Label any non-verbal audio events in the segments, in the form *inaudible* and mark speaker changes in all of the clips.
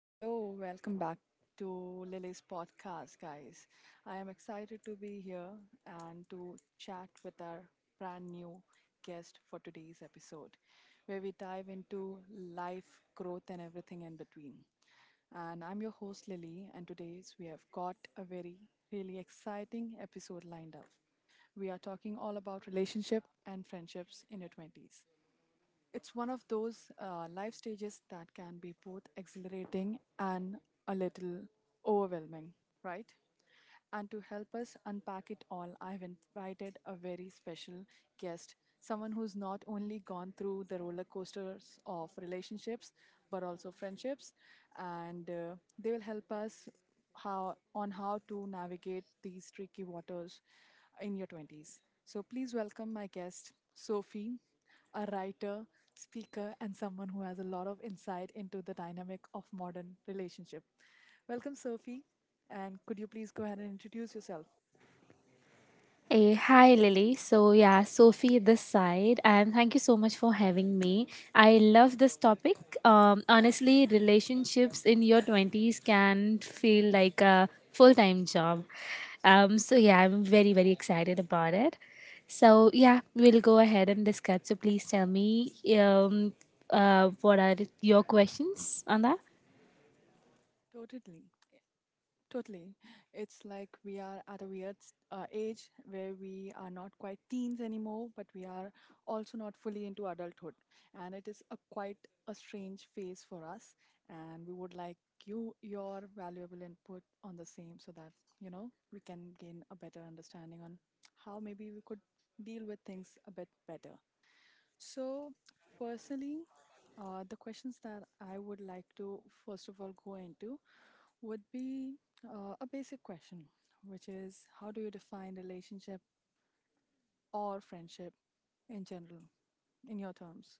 Speaker 1: Hello, welcome back to Lily's podcast, guys. I am excited to be here and to chat with our brand new guest for today's episode, where we dive into life, growth, and everything in between. And I'm your host, Lily, and today's we have got a really exciting episode lined up. We are talking all about relationship and friendships in your 20s. It's one of those life stages that can be both exhilarating and a little overwhelming, right? And to help us unpack it all, I've invited a very special guest, someone who's not only gone through the roller coasters of relationships, but also friendships, and they will help us how to navigate these tricky waters in your 20s. So please welcome my guest, Sophie, a writer, speaker, and someone who has a lot of insight into the dynamic of modern relationship. Welcome, Sophie, and could you please go ahead and introduce yourself?
Speaker 2: Hey, hi Lily. Sophie this side, and thank you so much for having me. I love this topic. Honestly, relationships in your 20s can feel like a full time job. I'm very, very excited about it. So, yeah, we'll go ahead and discuss. So, please tell me what are your questions on that?
Speaker 1: Totally. Totally. It's like we are at a weird age where we are not quite teens anymore, but we are also not fully into adulthood. And it is a quite a strange phase for us. And we would like your valuable input on the same so that, you know, we can gain a better understanding on how maybe we could deal with things a bit better. So, personally, the questions that I would like to first of all go into would be a basic question, which is how do you define relationship or friendship in general, in your terms?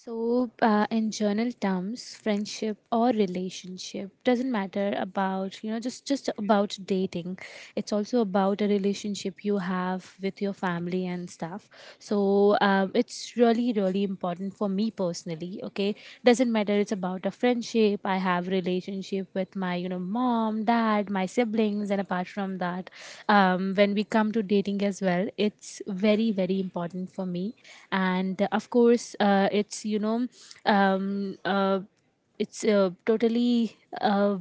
Speaker 2: So, in journal terms, friendship or relationship doesn't matter about just about dating. It's also about a relationship you have with your family and stuff, so it's really really important for me personally. Okay, doesn't matter, it's about a friendship I have, relationship with my, you know, mom, dad, my siblings. And apart from that, when we come to dating as well, it's very very important for me. And of course it's you know um, uh, it's totally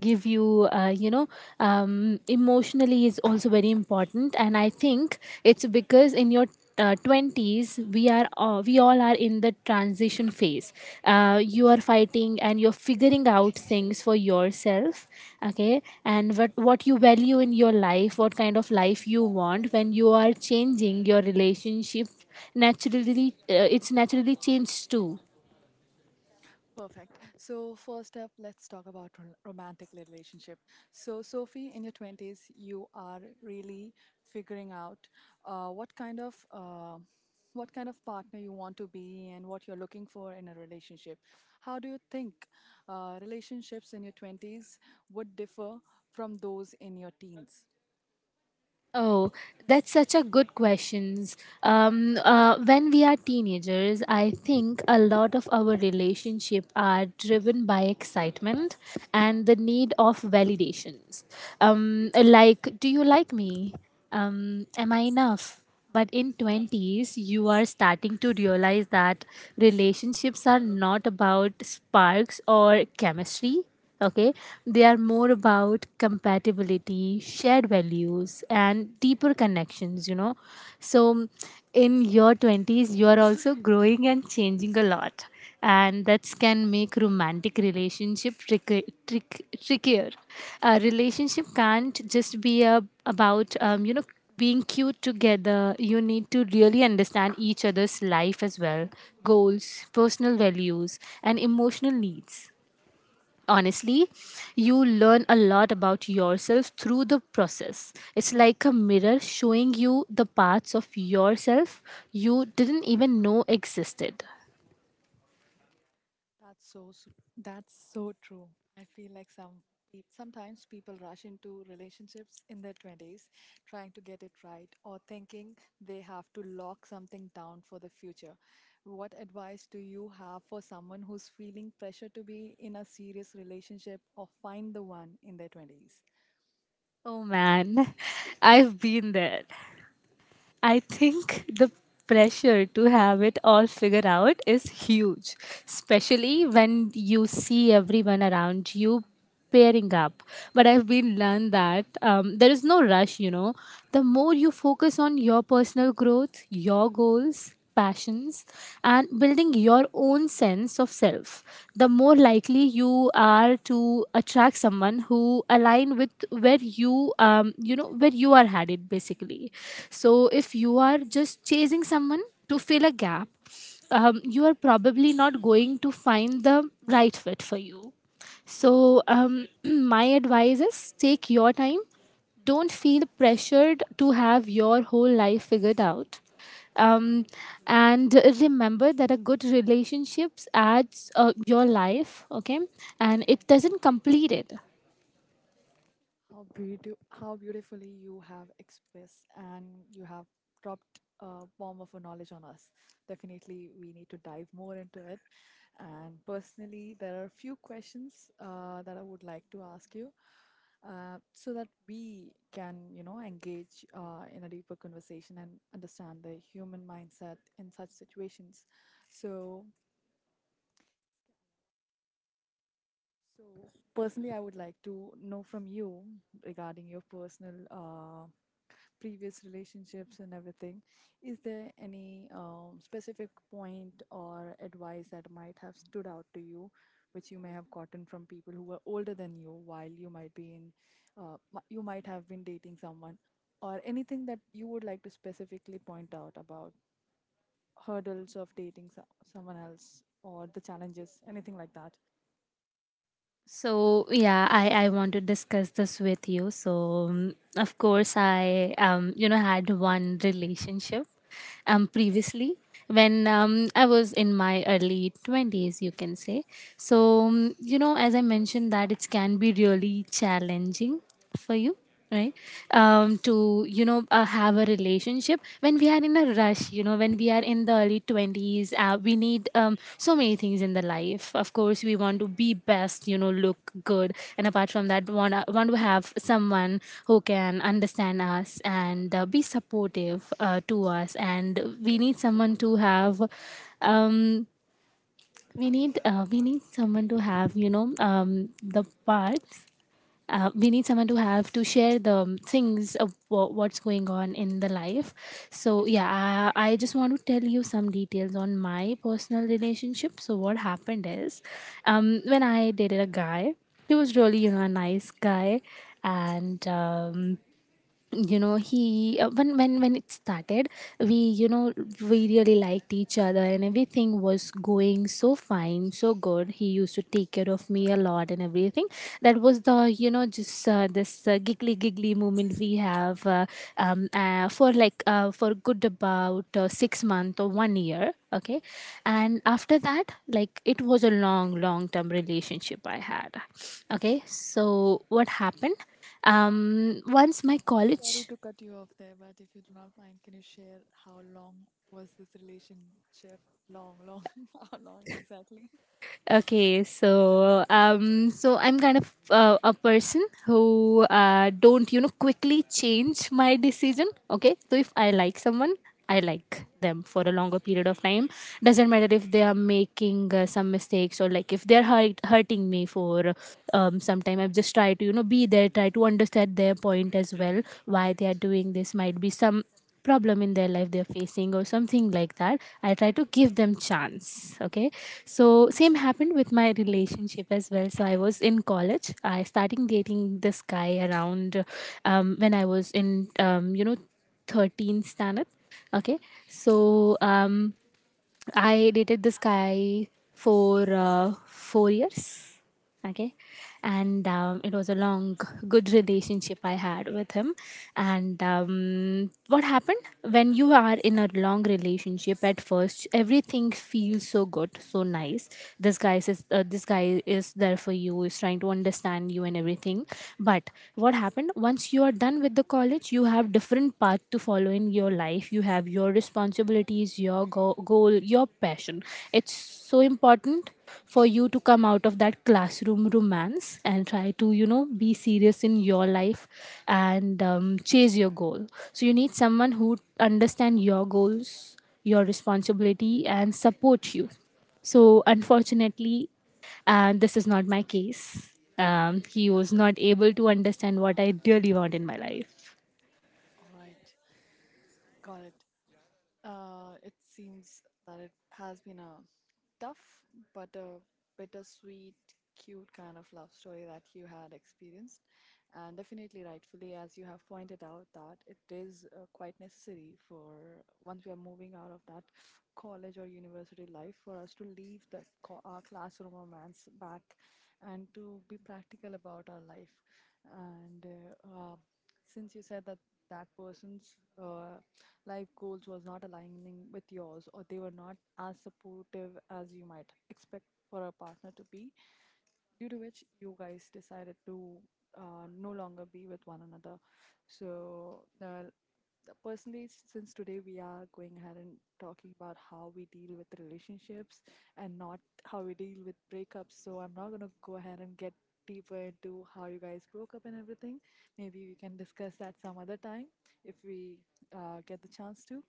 Speaker 2: give you you know Emotionally is also very important, and I think it's because in your 20s we all are in the transition phase. You are fighting and you're figuring out things for yourself, okay, and what you value in your life, what kind of life you want. When you are changing, your relationship naturally it's naturally changed too.
Speaker 1: Perfect. So, first up, let's talk about romantic relationship. So, Sophie, in your 20s, you are really figuring out uh, what kind of uh, what kind of partner you want to be and what you're looking for in a relationship. How do you think relationships in your 20s would differ from those in your teens?
Speaker 2: Oh, that's such a good question. When we are teenagers, I think a lot of our relationship are driven by excitement and the need of validations. Like, do you like me? Am I enough? But in 20s you are starting to realize that relationships are not about sparks or chemistry, okay, they are more about compatibility, shared values, and deeper connections, you know. So in your 20s you are also growing and changing a lot, and that can make romantic relationship trickier. A relationship can't just be a, About, you know, being cute together, you need to really understand each other's life as well, goals, personal values, and emotional needs. Honestly, you learn a lot about yourself through the process. It's like a mirror showing you the parts of yourself you didn't even know existed.
Speaker 1: That's so s- that's so true. I feel like sometimes people rush into relationships in their 20s trying to get it right or thinking they have to lock something down for the future. What advice do you have for someone who's feeling pressure to be in a serious relationship or find the one in their 20s?
Speaker 2: Oh man, *laughs* I've been there. I think the pressure to have it all figured out is huge, especially when you see everyone around you pairing up. But I've been learned that there is no rush, you know. The more you focus on your personal growth, your goals, passions, and building your own sense of self, the more likely you are to attract someone who align with where you you know, where you are headed, basically. So if you are just chasing someone to fill a gap, you are probably not going to find the right fit for you. So *clears throat* my advice is take your time, don't feel pressured to have your whole life figured out, um, and remember that a good relationships adds your life, okay, and it doesn't complete it.
Speaker 1: How beautiful, how beautifully you have expressed, and you have dropped a bomb of a knowledge on us. Definitely, we need to dive more into it. And personally, there are a few questions that I would like to ask you, so that we can, you know, engage in a deeper conversation and understand the human mindset in such situations. So, so, personally, I would like to know from you regarding your personal. Previous relationships and everything, is there any specific point or advice that might have stood out to you, which you may have gotten from people who were older than you while you might be in, you might have been dating someone, or anything that you would like to specifically point out about hurdles of dating someone else or the challenges, anything like that?
Speaker 2: So yeah, I want to discuss this with you. So um, of course I you know, had one relationship previously when I was in my early 20s, you can say. So, as I mentioned, that it can be really challenging for you, right, to you know have a relationship when we are in a rush. You know, when we are in the early 20s, we need so many things in the life. Of course we want to be best, you know, look good, and apart from that, want to have someone who can understand us and be supportive to us. And we need someone to have um, we need someone to have, you know, the parts. We need someone to share the things of what's going on in the life. So yeah, I just want to tell you some details on my personal relationship. So what happened is, when I dated a guy, he was really, you know, a nice guy. And you know he when it started, we, we really liked each other and everything was going so fine, so good. He used to take care of me a lot and everything. That was the, you know, just this giggly giggly moment we have, for like for good about 6 month or 1 year, okay. And after that, like, it was a long long term relationship I had, okay. So what happened, once my
Speaker 1: Sorry
Speaker 2: college,
Speaker 1: to cut you off there, but if you do not mind, can you share how long was this relationship? Long, long, *laughs* how long exactly?
Speaker 2: okay, so so I'm kind of a person who don't, you know, quickly change my decision, okay. So if I like someone, I like them for a longer period of time. Doesn't matter if they are making some mistakes or like if hurting me for some time, I've just tried to, you know, be there, try to understand their point as well, why they are doing this. Might be some problem in their life they're facing or something like that. I try to give them chance, okay. So same happened with my relationship as well. So I was in college, I starting dating this guy around when I was in 13 standard, okay. So I dated this guy for 4 years. Okay. And it was a long, good relationship I had with him. And what happened? When you are in a long relationship at first, everything feels so good, so nice. This guy is, this guy is there for you, is trying to understand you and everything. But what happened once you are done with the college, you have different path to follow in your life, you have your responsibilities, your goal, your passion. It's so important for you to come out of that classroom romance and try to, you know, be serious in your life and chase your goal. So you need someone who understand your goals, your responsibility, and support you. So unfortunately, and this is not my case. He was not able to understand what I really want in my life.
Speaker 1: All right, got it. It seems that it has been a tough but a bittersweet, cute kind of love story that you had experienced, and definitely rightfully, as you have pointed out, that it is quite necessary for, once we are moving out of that college or university life, for us to leave our classroom romance back and to be practical about our life, and since you said that that person's uh, life goals was not aligning with yours or they were not as supportive as you might expect for a partner to be, due to which you guys decided to no longer be with one another. So personally, since today we are going ahead and talking about how we deal with relationships and not how we deal with breakups, so I'm not going to go ahead and get deeper into how you guys broke up and everything. Maybe we can discuss that some other time, if we get the chance to.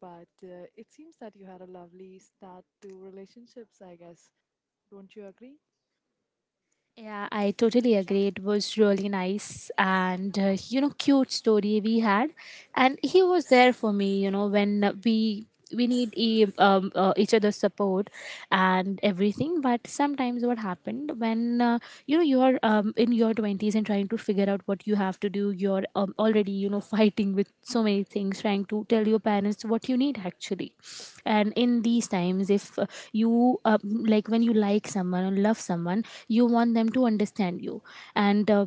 Speaker 1: But it seems that you had a lovely start to relationships, I guess. Don't you agree?
Speaker 2: Yeah, I totally agree. It was really nice and you know, cute story we had, and he was there for me. You know, when we, we need each other's support and everything. But sometimes what happened when you know, you are in your 20s and trying to figure out what you have to do. You're already, you know, fighting with so many things, trying to tell your parents what you need actually. And in these times, if you like when you like someone or love someone, you want them to understand you. And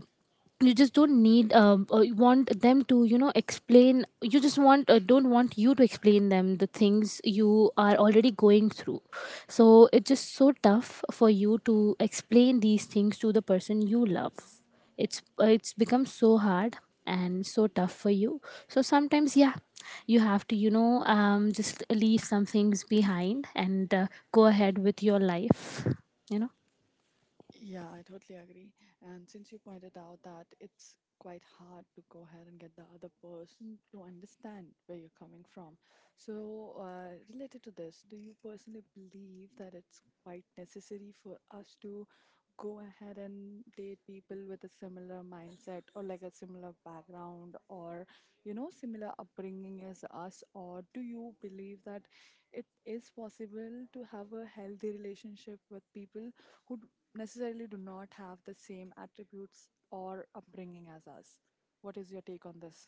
Speaker 2: you just don't need you want them to, you know, explain you just want don't want you to explain them the things you are already going through. So it's just so tough for you to explain these things to the person you love. It's it's become so hard and so tough for you. So sometimes, yeah, you have to, you know, just leave some things behind and go ahead with your life, you know.
Speaker 1: Yeah, I totally agree. And since you pointed out that it's quite hard to go ahead and get the other person to understand where you're coming from. So, related to this, do you personally believe that it's quite necessary for us to go ahead and date people with a similar mindset or like a similar background or, you know, similar upbringing as us? Or do you believe that it is possible to have a healthy relationship with people who necessarily do not have the same attributes or upbringing as us? What is your take on this?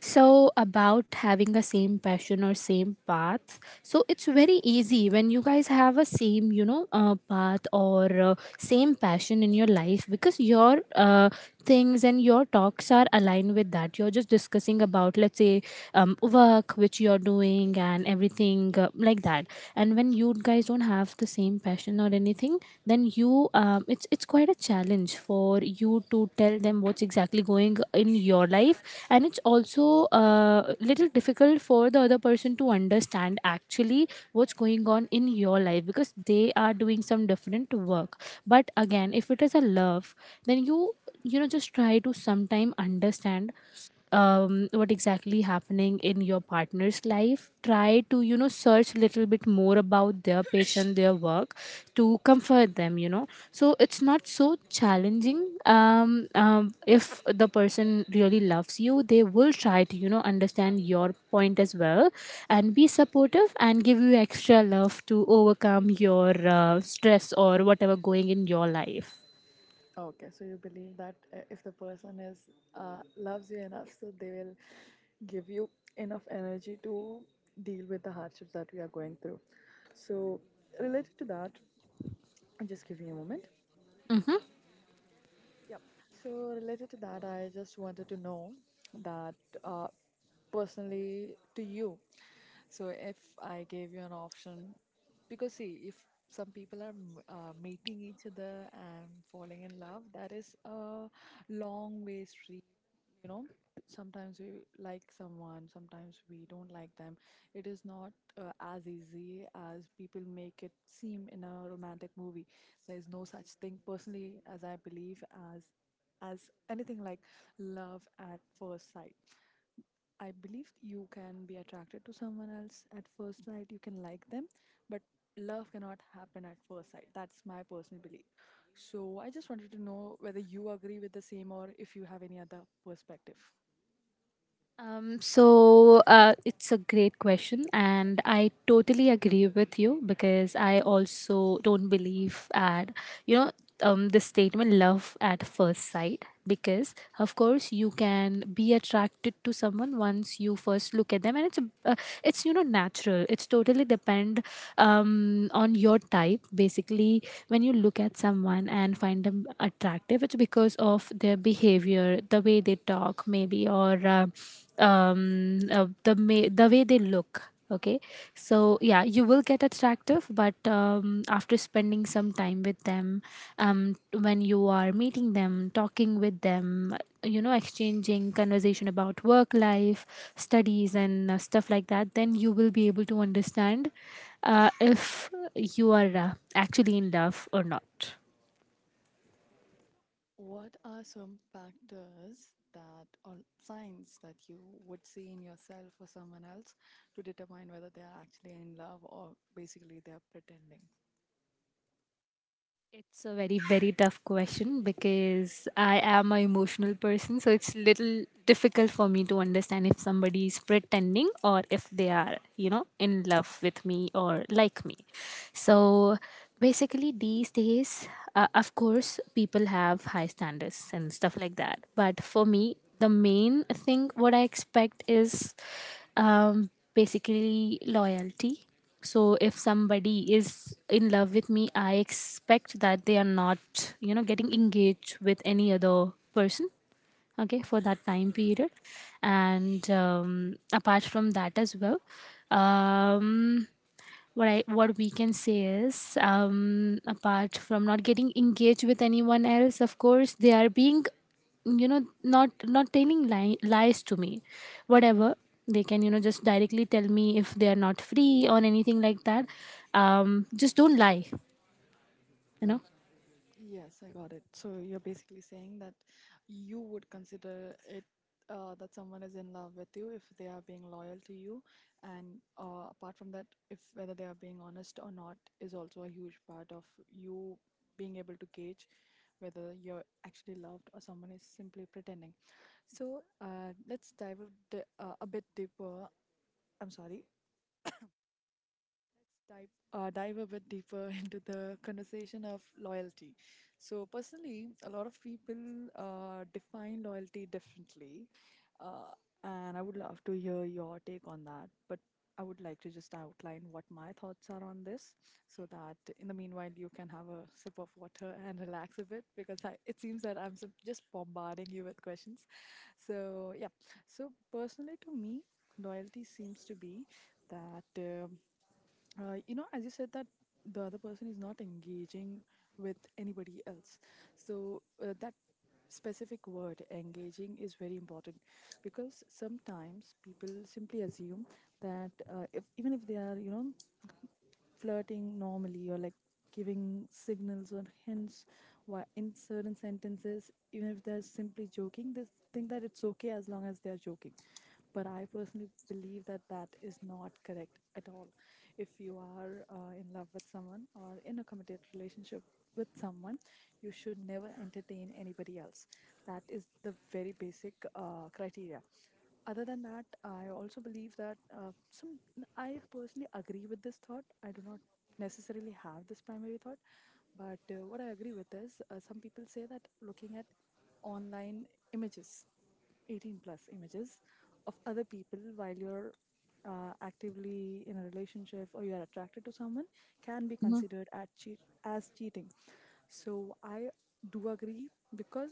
Speaker 2: So about having a same passion or same path, so it's very easy when you guys have a same, you know, path or same passion in your life, because your things and your talks are aligned with that. You're just discussing about, let's say, work which you're doing and everything, like that. And when you guys don't have the same passion or anything, then you, it's quite a challenge for you to tell them what's exactly going in your life. And it's also uh, little difficult for the other person to understand actually what's going on in your life, because they are doing some different work. But again, if it is a love, then you, you know, just try to sometime understand what exactly happening in your partner's life, try to, you know, search a little bit more about their patient, their work, to comfort them, you know. So it's not so challenging, if the person really loves you, they will try to, you know, understand your point as well and be supportive and give you extra love to overcome your stress or whatever going in your life.
Speaker 1: Okay, so you believe that if the person is loves you enough, so they will give you enough energy to deal with the hardships that we are going through. So related to that, just give me a moment.
Speaker 2: Mhm.
Speaker 1: Yep. So related to that, I just wanted to know that uh, personally to you. So if I gave you an option, because see, if some people are meeting each other and falling in love, that is a long way street, you know. Sometimes we like someone, sometimes we don't like them. It is not as easy as people make it seem in a romantic movie. There is no such thing, personally, as I believe, as as anything like love at first sight. I believe you can be attracted to someone else at first sight, you can like them, but love cannot happen at first sight. That's my personal belief. So I just wanted to know whether you agree with the same or if you have any other perspective.
Speaker 2: It's a great question, and I totally agree with you because I also don't believe at you know the statement love at first sight. Because of course you can be attracted to someone once you first look at them, and it's you know natural. It's totally depend on your type basically. When you look at someone and find them attractive, it's because of their behavior, the way they talk, maybe, or the way they look. Okay, so yeah, you will get attractive, but after spending some time with them, um, when you are meeting them, talking with them, you know, exchanging conversation about work life, studies, and stuff like that, then you will be able to understand if you are actually in love or not.
Speaker 1: What are some factors that or signs that you would see in yourself or someone else to determine whether they are actually in love or basically they are pretending?
Speaker 2: It's a very, very tough question because I am a emotional person, so it's little difficult for me to understand if somebody is pretending or if they are, you know, in love with me or like me. So basically, these days, of course, people have high standards and stuff like that. But for me, the main thing what I expect is basically loyalty. So if somebody is in love with me, I expect that they are not, you know, getting engaged with any other person. Okay, for that time period, and apart from that as well, um, what we can say is, apart from not getting engaged with anyone else, of course, they are being, you know, not telling lies to me, whatever they can, you know, just directly tell me if they are not free or anything like that. Just don't lie, you
Speaker 1: Yes, I got it. So you're basically saying that you would consider it that someone is in love with you if they are being loyal to you, and apart from that, if whether they are being honest or not is also a huge part of you being able to gauge whether you're actually loved or someone is simply pretending. So Let's a bit deeper. I'm sorry, dive, dive a bit deeper *laughs* into the conversation of loyalty. So, personally, a lot of people define loyalty differently, uh, and I would love to hear your take on that. But I would like to just outline what my thoughts are on this, so that in the meanwhile you can have a sip of water *laughs* and relax a bit, because it seems that just bombarding you with questions. So yeah, so personally to me, loyalty seems to be that. You know, as you said that the other person is not engaging with anybody else. So that specific word engaging is very important because sometimes people simply assume that if even if they are, you know, flirting normally or like giving signals or hints why in certain sentences, even if they're simply joking, they think that it's okay as long as they're joking. But I personally believe that that is not correct at all. If you are in love with someone or in a committed relationship with someone, you should never entertain anybody else. That is the very basic criteria. Other than that, I also believe that some I personally agree with this thought. I do not necessarily have this primary thought, but what I agree with is some people say that looking at online images, 18 plus images of other people while you're actively in a relationship or you are attracted to someone can be
Speaker 2: know.
Speaker 1: considered at cheat as cheating. So I do agree because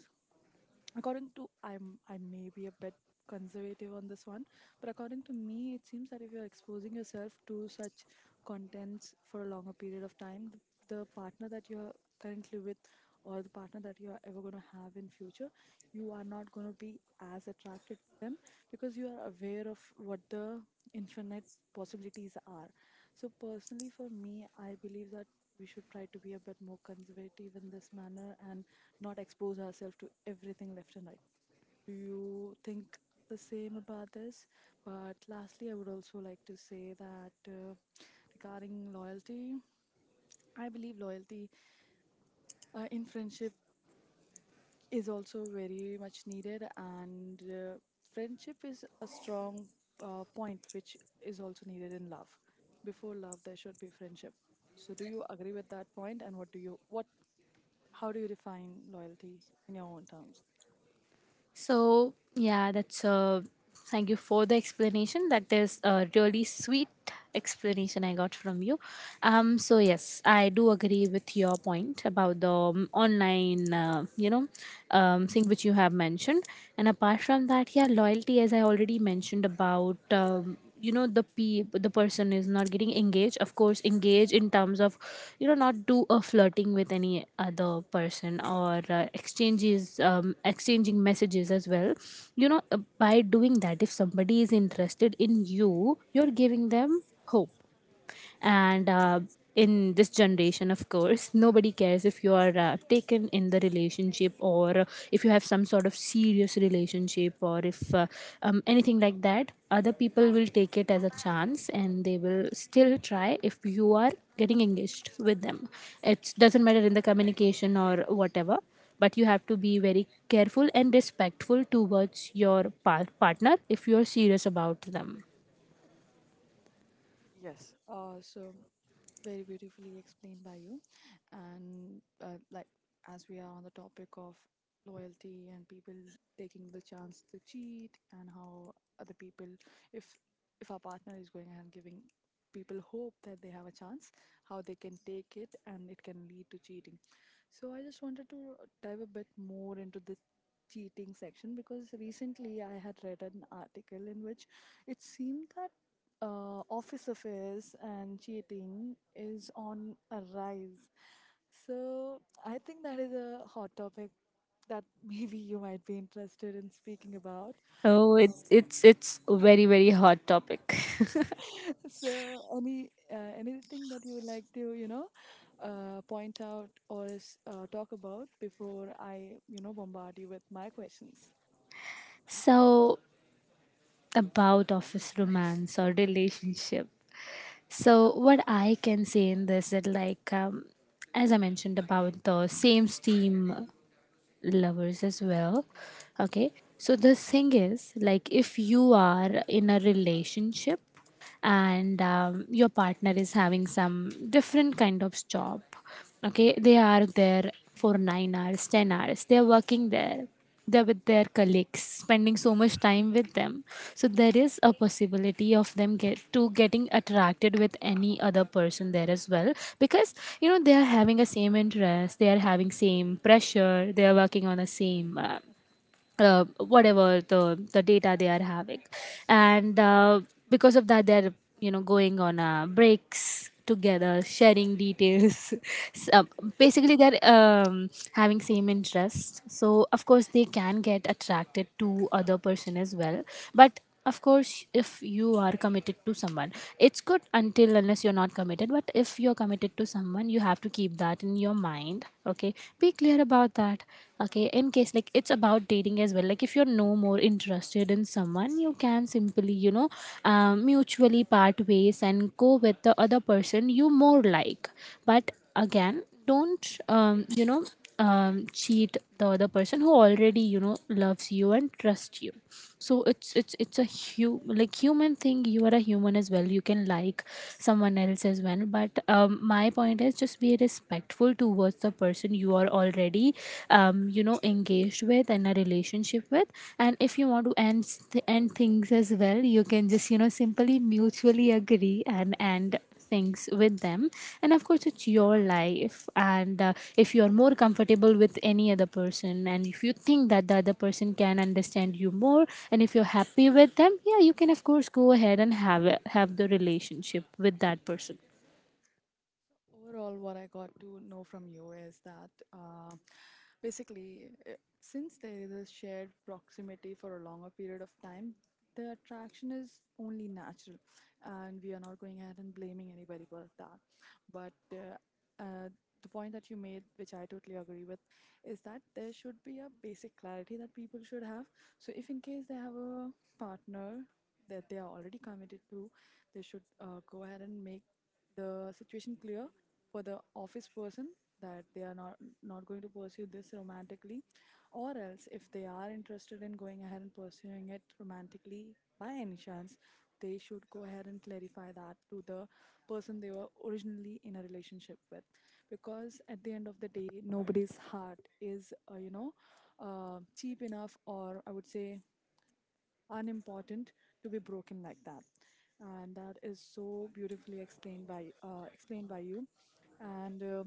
Speaker 1: according to I'm I may be a bit conservative on this one, but according to me it seems that if you're exposing yourself to such contents for a longer period of time, the partner that you're currently with or the partner that you are ever going to have in future, you are not going to be as attracted to them because you are aware of what the infinite possibilities are. So personally for me I believe that we should try to be a bit more conservative in this manner and not expose ourselves to everything left and right. Do you think the same about this? But lastly, I would also like to say that regarding loyalty, I believe loyalty in friendship is also very much needed, and friendship is a strong point which is also needed in love. Before love, there should be friendship. So, do you agree with that point? And what do you what how do you define loyalty in your own terms?
Speaker 2: So, yeah, that's thank you for the explanation. That is a really sweet explanation I got from you. So yes, I do agree with your point about the online, thing which you have mentioned. And apart from that, yeah, loyalty, as I already mentioned about. The the person is not getting engaged, of course engage in terms of you know not do a flirting with any other person or exchanges exchanging messages as well. You know, by doing that, if somebody is interested in you, you're giving them hope. And in this generation, of course, nobody cares if you are taken in the relationship, or if you have some sort of serious relationship, or if anything like that. Other people will take it as a chance and they will still try if you are getting engaged with them. It doesn't matter in the communication or whatever. But you have to be very careful and respectful towards your partner if you're serious about them.
Speaker 1: Yes, So very beautifully explained by you, and like, as we are on the topic of loyalty and people taking the chance to cheat, and how other people, if if our partner is going ahead and giving people hope that they have a chance, how they can take it and it can lead to cheating, so I just wanted to dive a bit more into this cheating section, because recently I had read an article in which it seemed that office affairs and cheating is on a rise. So I think that is a hot topic that *laughs* maybe you might be interested in speaking about.
Speaker 2: Oh, it's a very, very hot topic.
Speaker 1: *laughs* So any anything that you would like to point out or talk about before I, you know, bombard you with my questions.
Speaker 2: *laughs* So about office romance or relationship. So what I can say in this that like as I mentioned about the same steam lovers as well. Okay. So the thing is like, if you are in a relationship and your partner is having some different kind of job, okay, they are there for 9 hours 10 hours, they are working there, they're with their colleagues spending so much time with them. So there is a possibility of them getting attracted with any other person there as well, because you know they are having a same interest, they are having same pressure, they are working on the same whatever the data they are having. And because of that, they're you know going on breaks together, sharing details. *laughs* So, basically they're having same interests, so of course they can get attracted to other person as well. But of course, if you are committed to someone, it's good. Until unless you're not committed, but if you're committed to someone, you have to keep that in your mind. Okay, be clear about that. Okay, in case like it's about dating as well, like if you're no more interested in someone, you can simply you know mutually part ways and go with the other person you more like. But again, don't cheat the other person who already you know loves you and trusts you. So it's a like human thing. You are a human as well, you can like someone else as well. But my point is just be respectful towards the person you are already you know engaged with and a relationship with. And if you want to end things as well, you can just you know simply mutually agree and end things with them. And of course it's your life, and if you are more comfortable with any other person, and if you think that the other person can understand you more, and if you're happy with them, yeah, you can of course go ahead and have the relationship with that person.
Speaker 1: Overall, what I got to know from you is that basically, since there is a shared proximity for a longer period of time, the attraction is only natural, and we are not going ahead and blaming anybody for that. But uh, the point that you made, which I totally agree with, is that there should be a basic clarity that people should have. So, if in case they have a partner that they are already committed to, they should go ahead and make the situation clear for the office person that they are not going to pursue this romantically, or else if they are interested in going ahead and pursuing it romantically by any chance, they should go ahead and clarify that to the person they were originally in a relationship with, because at the end of the day, nobody's heart is cheap enough, or I would say unimportant, to be broken like that. And that is so beautifully explained by you. And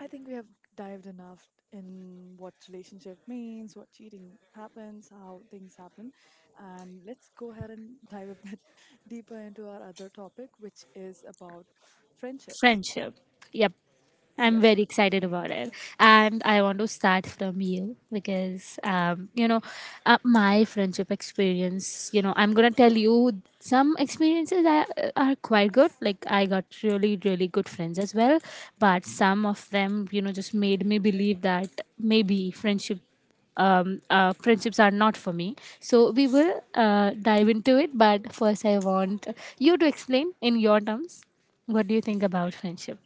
Speaker 1: I think we have dived enough in what relationship means, what cheating happens, how things happen, and let's go ahead and dive a bit *laughs* deeper into our other topic, which is about friendships.
Speaker 2: Friendship, yep, I'm
Speaker 1: Yes.
Speaker 2: very excited about it. And I want to start from you because, my friendship experience, you know, I'm going to tell you some experiences are quite good. Like, I got really, really good friends as well. But some of them, you know, just made me believe that maybe friendship. Friendships are not for me. So we will dive into it. But first, I want you to explain in your terms, what do you think about friendship?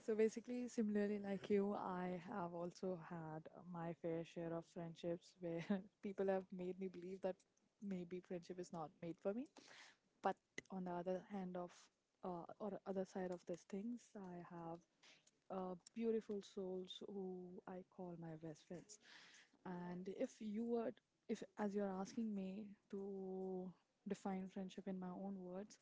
Speaker 1: So basically, similarly like you, I have also had my fair share of friendships where *laughs* people have made me believe that maybe friendship is not made for me. But on the other hand of, or other side of these things, I have beautiful souls who I call my best friends. And if as you're asking me to define friendship in my own words,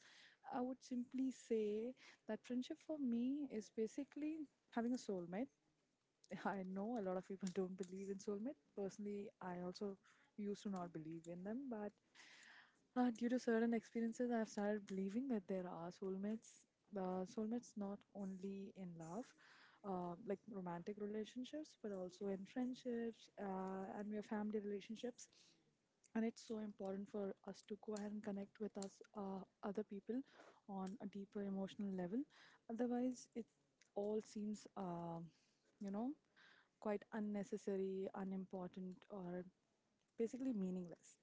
Speaker 1: I would simply say that friendship for me is basically having a soulmate. I know a lot of people *laughs* don't believe in soulmate. Personally, I also used to not believe in them, but due to certain experiences, I've started believing that there are soulmates. Soulmates not only in love, like romantic relationships, but also in friendships and your family relationships. And it's so important for us to go ahead and connect with us, other people, on a deeper emotional level. Otherwise, it all seems, you know, quite unnecessary, unimportant, or basically meaningless.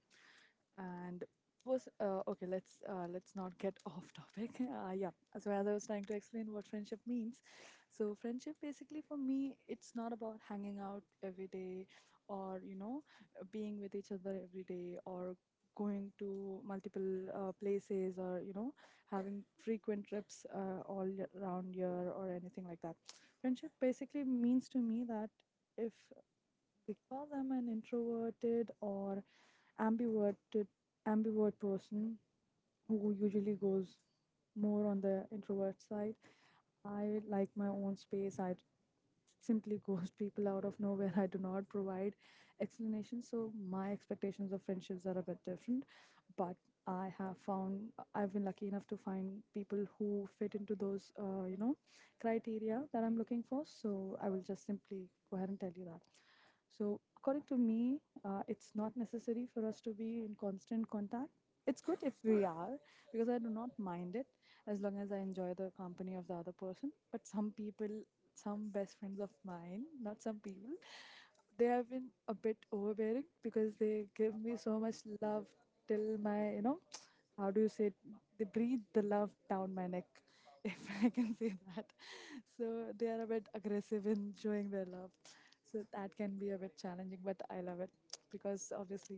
Speaker 1: And was okay. Let's let's not get *laughs* off topic. Yeah. So as I was trying to explain what friendship means, so friendship basically for me, it's not about hanging out every day, or you know, being with each other every day, or going to multiple places, or you know, having frequent trips around year, or anything like that. Friendship basically means to me that, if, because I'm an introverted or ambiverted ambivert person who usually goes more on the introvert side. I like my own space. I simply ghost people out of nowhere. I do not provide explanations, so my expectations of friendships are a bit different. But I have found, I've been lucky enough to find people who fit into those criteria that I'm looking for. So I will just simply go ahead and tell you that. So according to me, it's not necessary for us to be in constant contact. It's good if we are, because I do not mind it as long as I enjoy the company of the other person. But some best friends of mine, not some people, they have been a bit overbearing because they give me so much love till my, you know, *tsk* how do you say it? They breathe the love down my neck, *laughs* if I can say that. So they are a bit aggressive in showing their love. So that can be a bit challenging, but I love it, *tsk* because obviously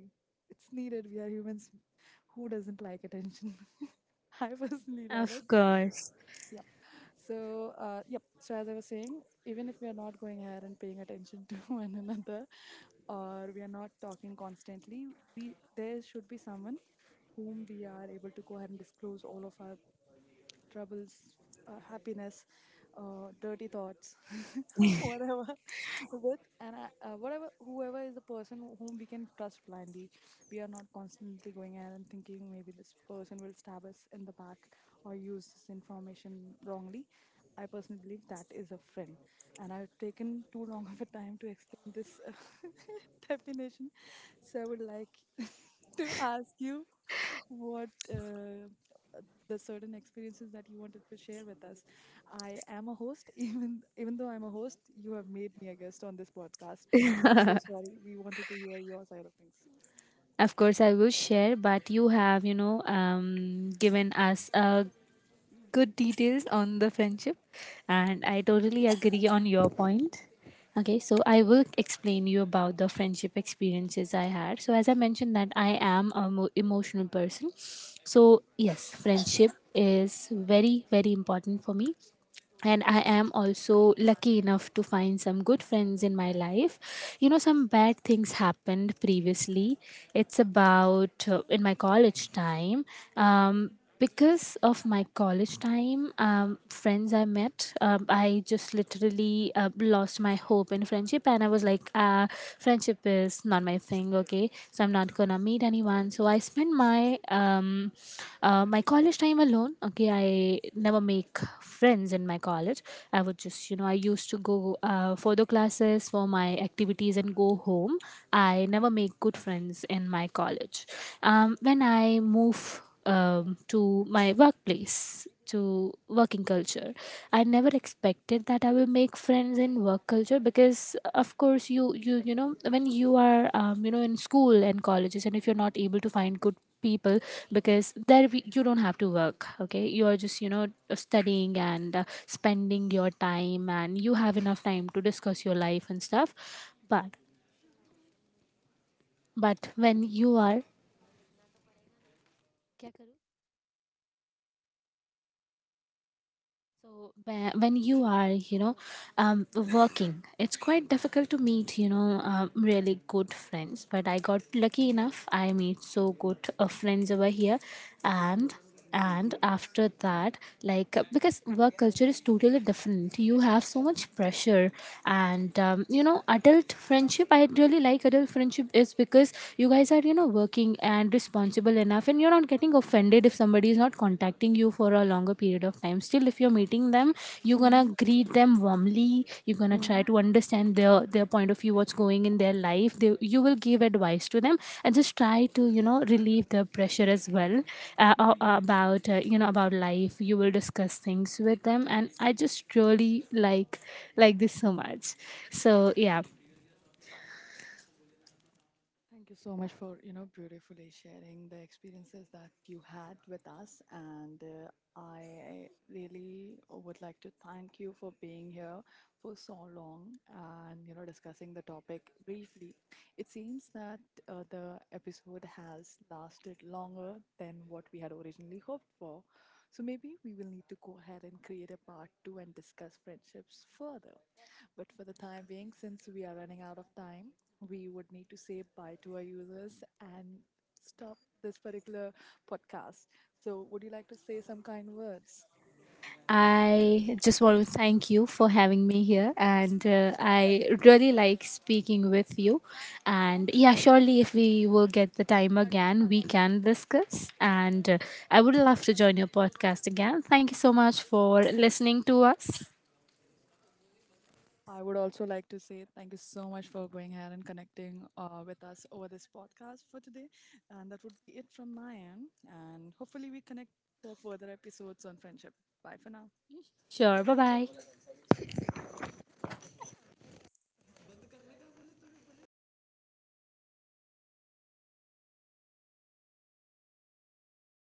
Speaker 1: it's needed. We are humans. Who doesn't like attention? *laughs* I personally love
Speaker 2: Of
Speaker 1: it.
Speaker 2: course.
Speaker 1: So, yep. So, as I was saying, even if we are not going ahead and paying attention to *laughs* one another, or we are not talking constantly, we there should be someone whom we are able to go ahead and disclose all of our troubles, happiness, dirty thoughts, *laughs* whatever, with. And I- whatever whoever is the person whom we can trust blindly. We are not constantly going ahead and thinking maybe this person will stab us in the back or use this information wrongly. I personally believe that is a friend, and I've taken too long of a time to explain this *laughs* definition. So I would like *laughs* to ask you what the certain experiences that you wanted to share with us. I am a host, *laughs* even though I'm a host, you have made me a guest on this podcast. I'm so sorry. We wanted to hear your side of things.
Speaker 2: Of course, I will share, but you have, you know, given us good details on the friendship, and I totally agree on your point. Okay, so I will explain you about the friendship experiences I had. So, as I mentioned, that I am a emotional person. So yes, friendship is very, very important for me, and I am also lucky enough to find some good friends in my life. You know, some bad things happened previously. It's about in my college time. um, because of my college time friends I met, I just literally lost my hope in friendship, and I was like, friendship is not my thing going, okay, so I'm not gonna meet anyone. So I spend my my college time alone. Okay, I never make friends in my college. I would just you know I used to go for the classes, for my activities, and go home. I never make good friends in my college. When I move to my workplace, to working culture. I never expected that I will make friends in work culture, because of course you know, when you are in school and colleges, and if you're not able to find good people, because there you don't have to work, okay, you are just you know studying and spending your time, and you have enough time to discuss your life and stuff. but but when you are, so when you are, you know, um, working, it's quite difficult to meet, you know, really good friends. But I got lucky enough. I meet so good friends over here, and and after that, like because work culture is totally different. You have so much pressure, and you know, adult friendship. I really like adult friendship is because you guys are, you know, working and responsible enough, and you're not getting offended if somebody is not contacting you for a longer period of time. Still, if you're meeting them, you're gonna greet them warmly, you're gonna try
Speaker 1: Mm-hmm.
Speaker 2: to understand their point of view, what's going in their life. You will give advice to them, and just try to you know relieve the pressure as well about you know about life. You will discuss things with them, and I just really like this so much. So yeah.
Speaker 1: Thank you so much for, you know, beautifully sharing the experiences that you had with us, and I really would like to thank you for being here for so long and, you know, discussing the topic briefly. It seems that the episode has lasted longer than what we had originally hoped for, so maybe we will need to go ahead and create a part two and discuss friendships further. But for the time being, since we are running out of time, we would need to say bye to our users and stop this particular podcast. So, would you like to say some kind words?
Speaker 2: I just want to thank you for having me here, and I really like speaking with you. And yeah, surely if we will get the time again, we can discuss. And I would love to join your podcast again. Thank you so much for listening to us.
Speaker 1: I would also like to say thank you so much for going ahead and connecting with us over this podcast for today. And that would be it from my end. And hopefully, we connect for further episodes on friendship. Bye for now.
Speaker 2: Sure, bye bye.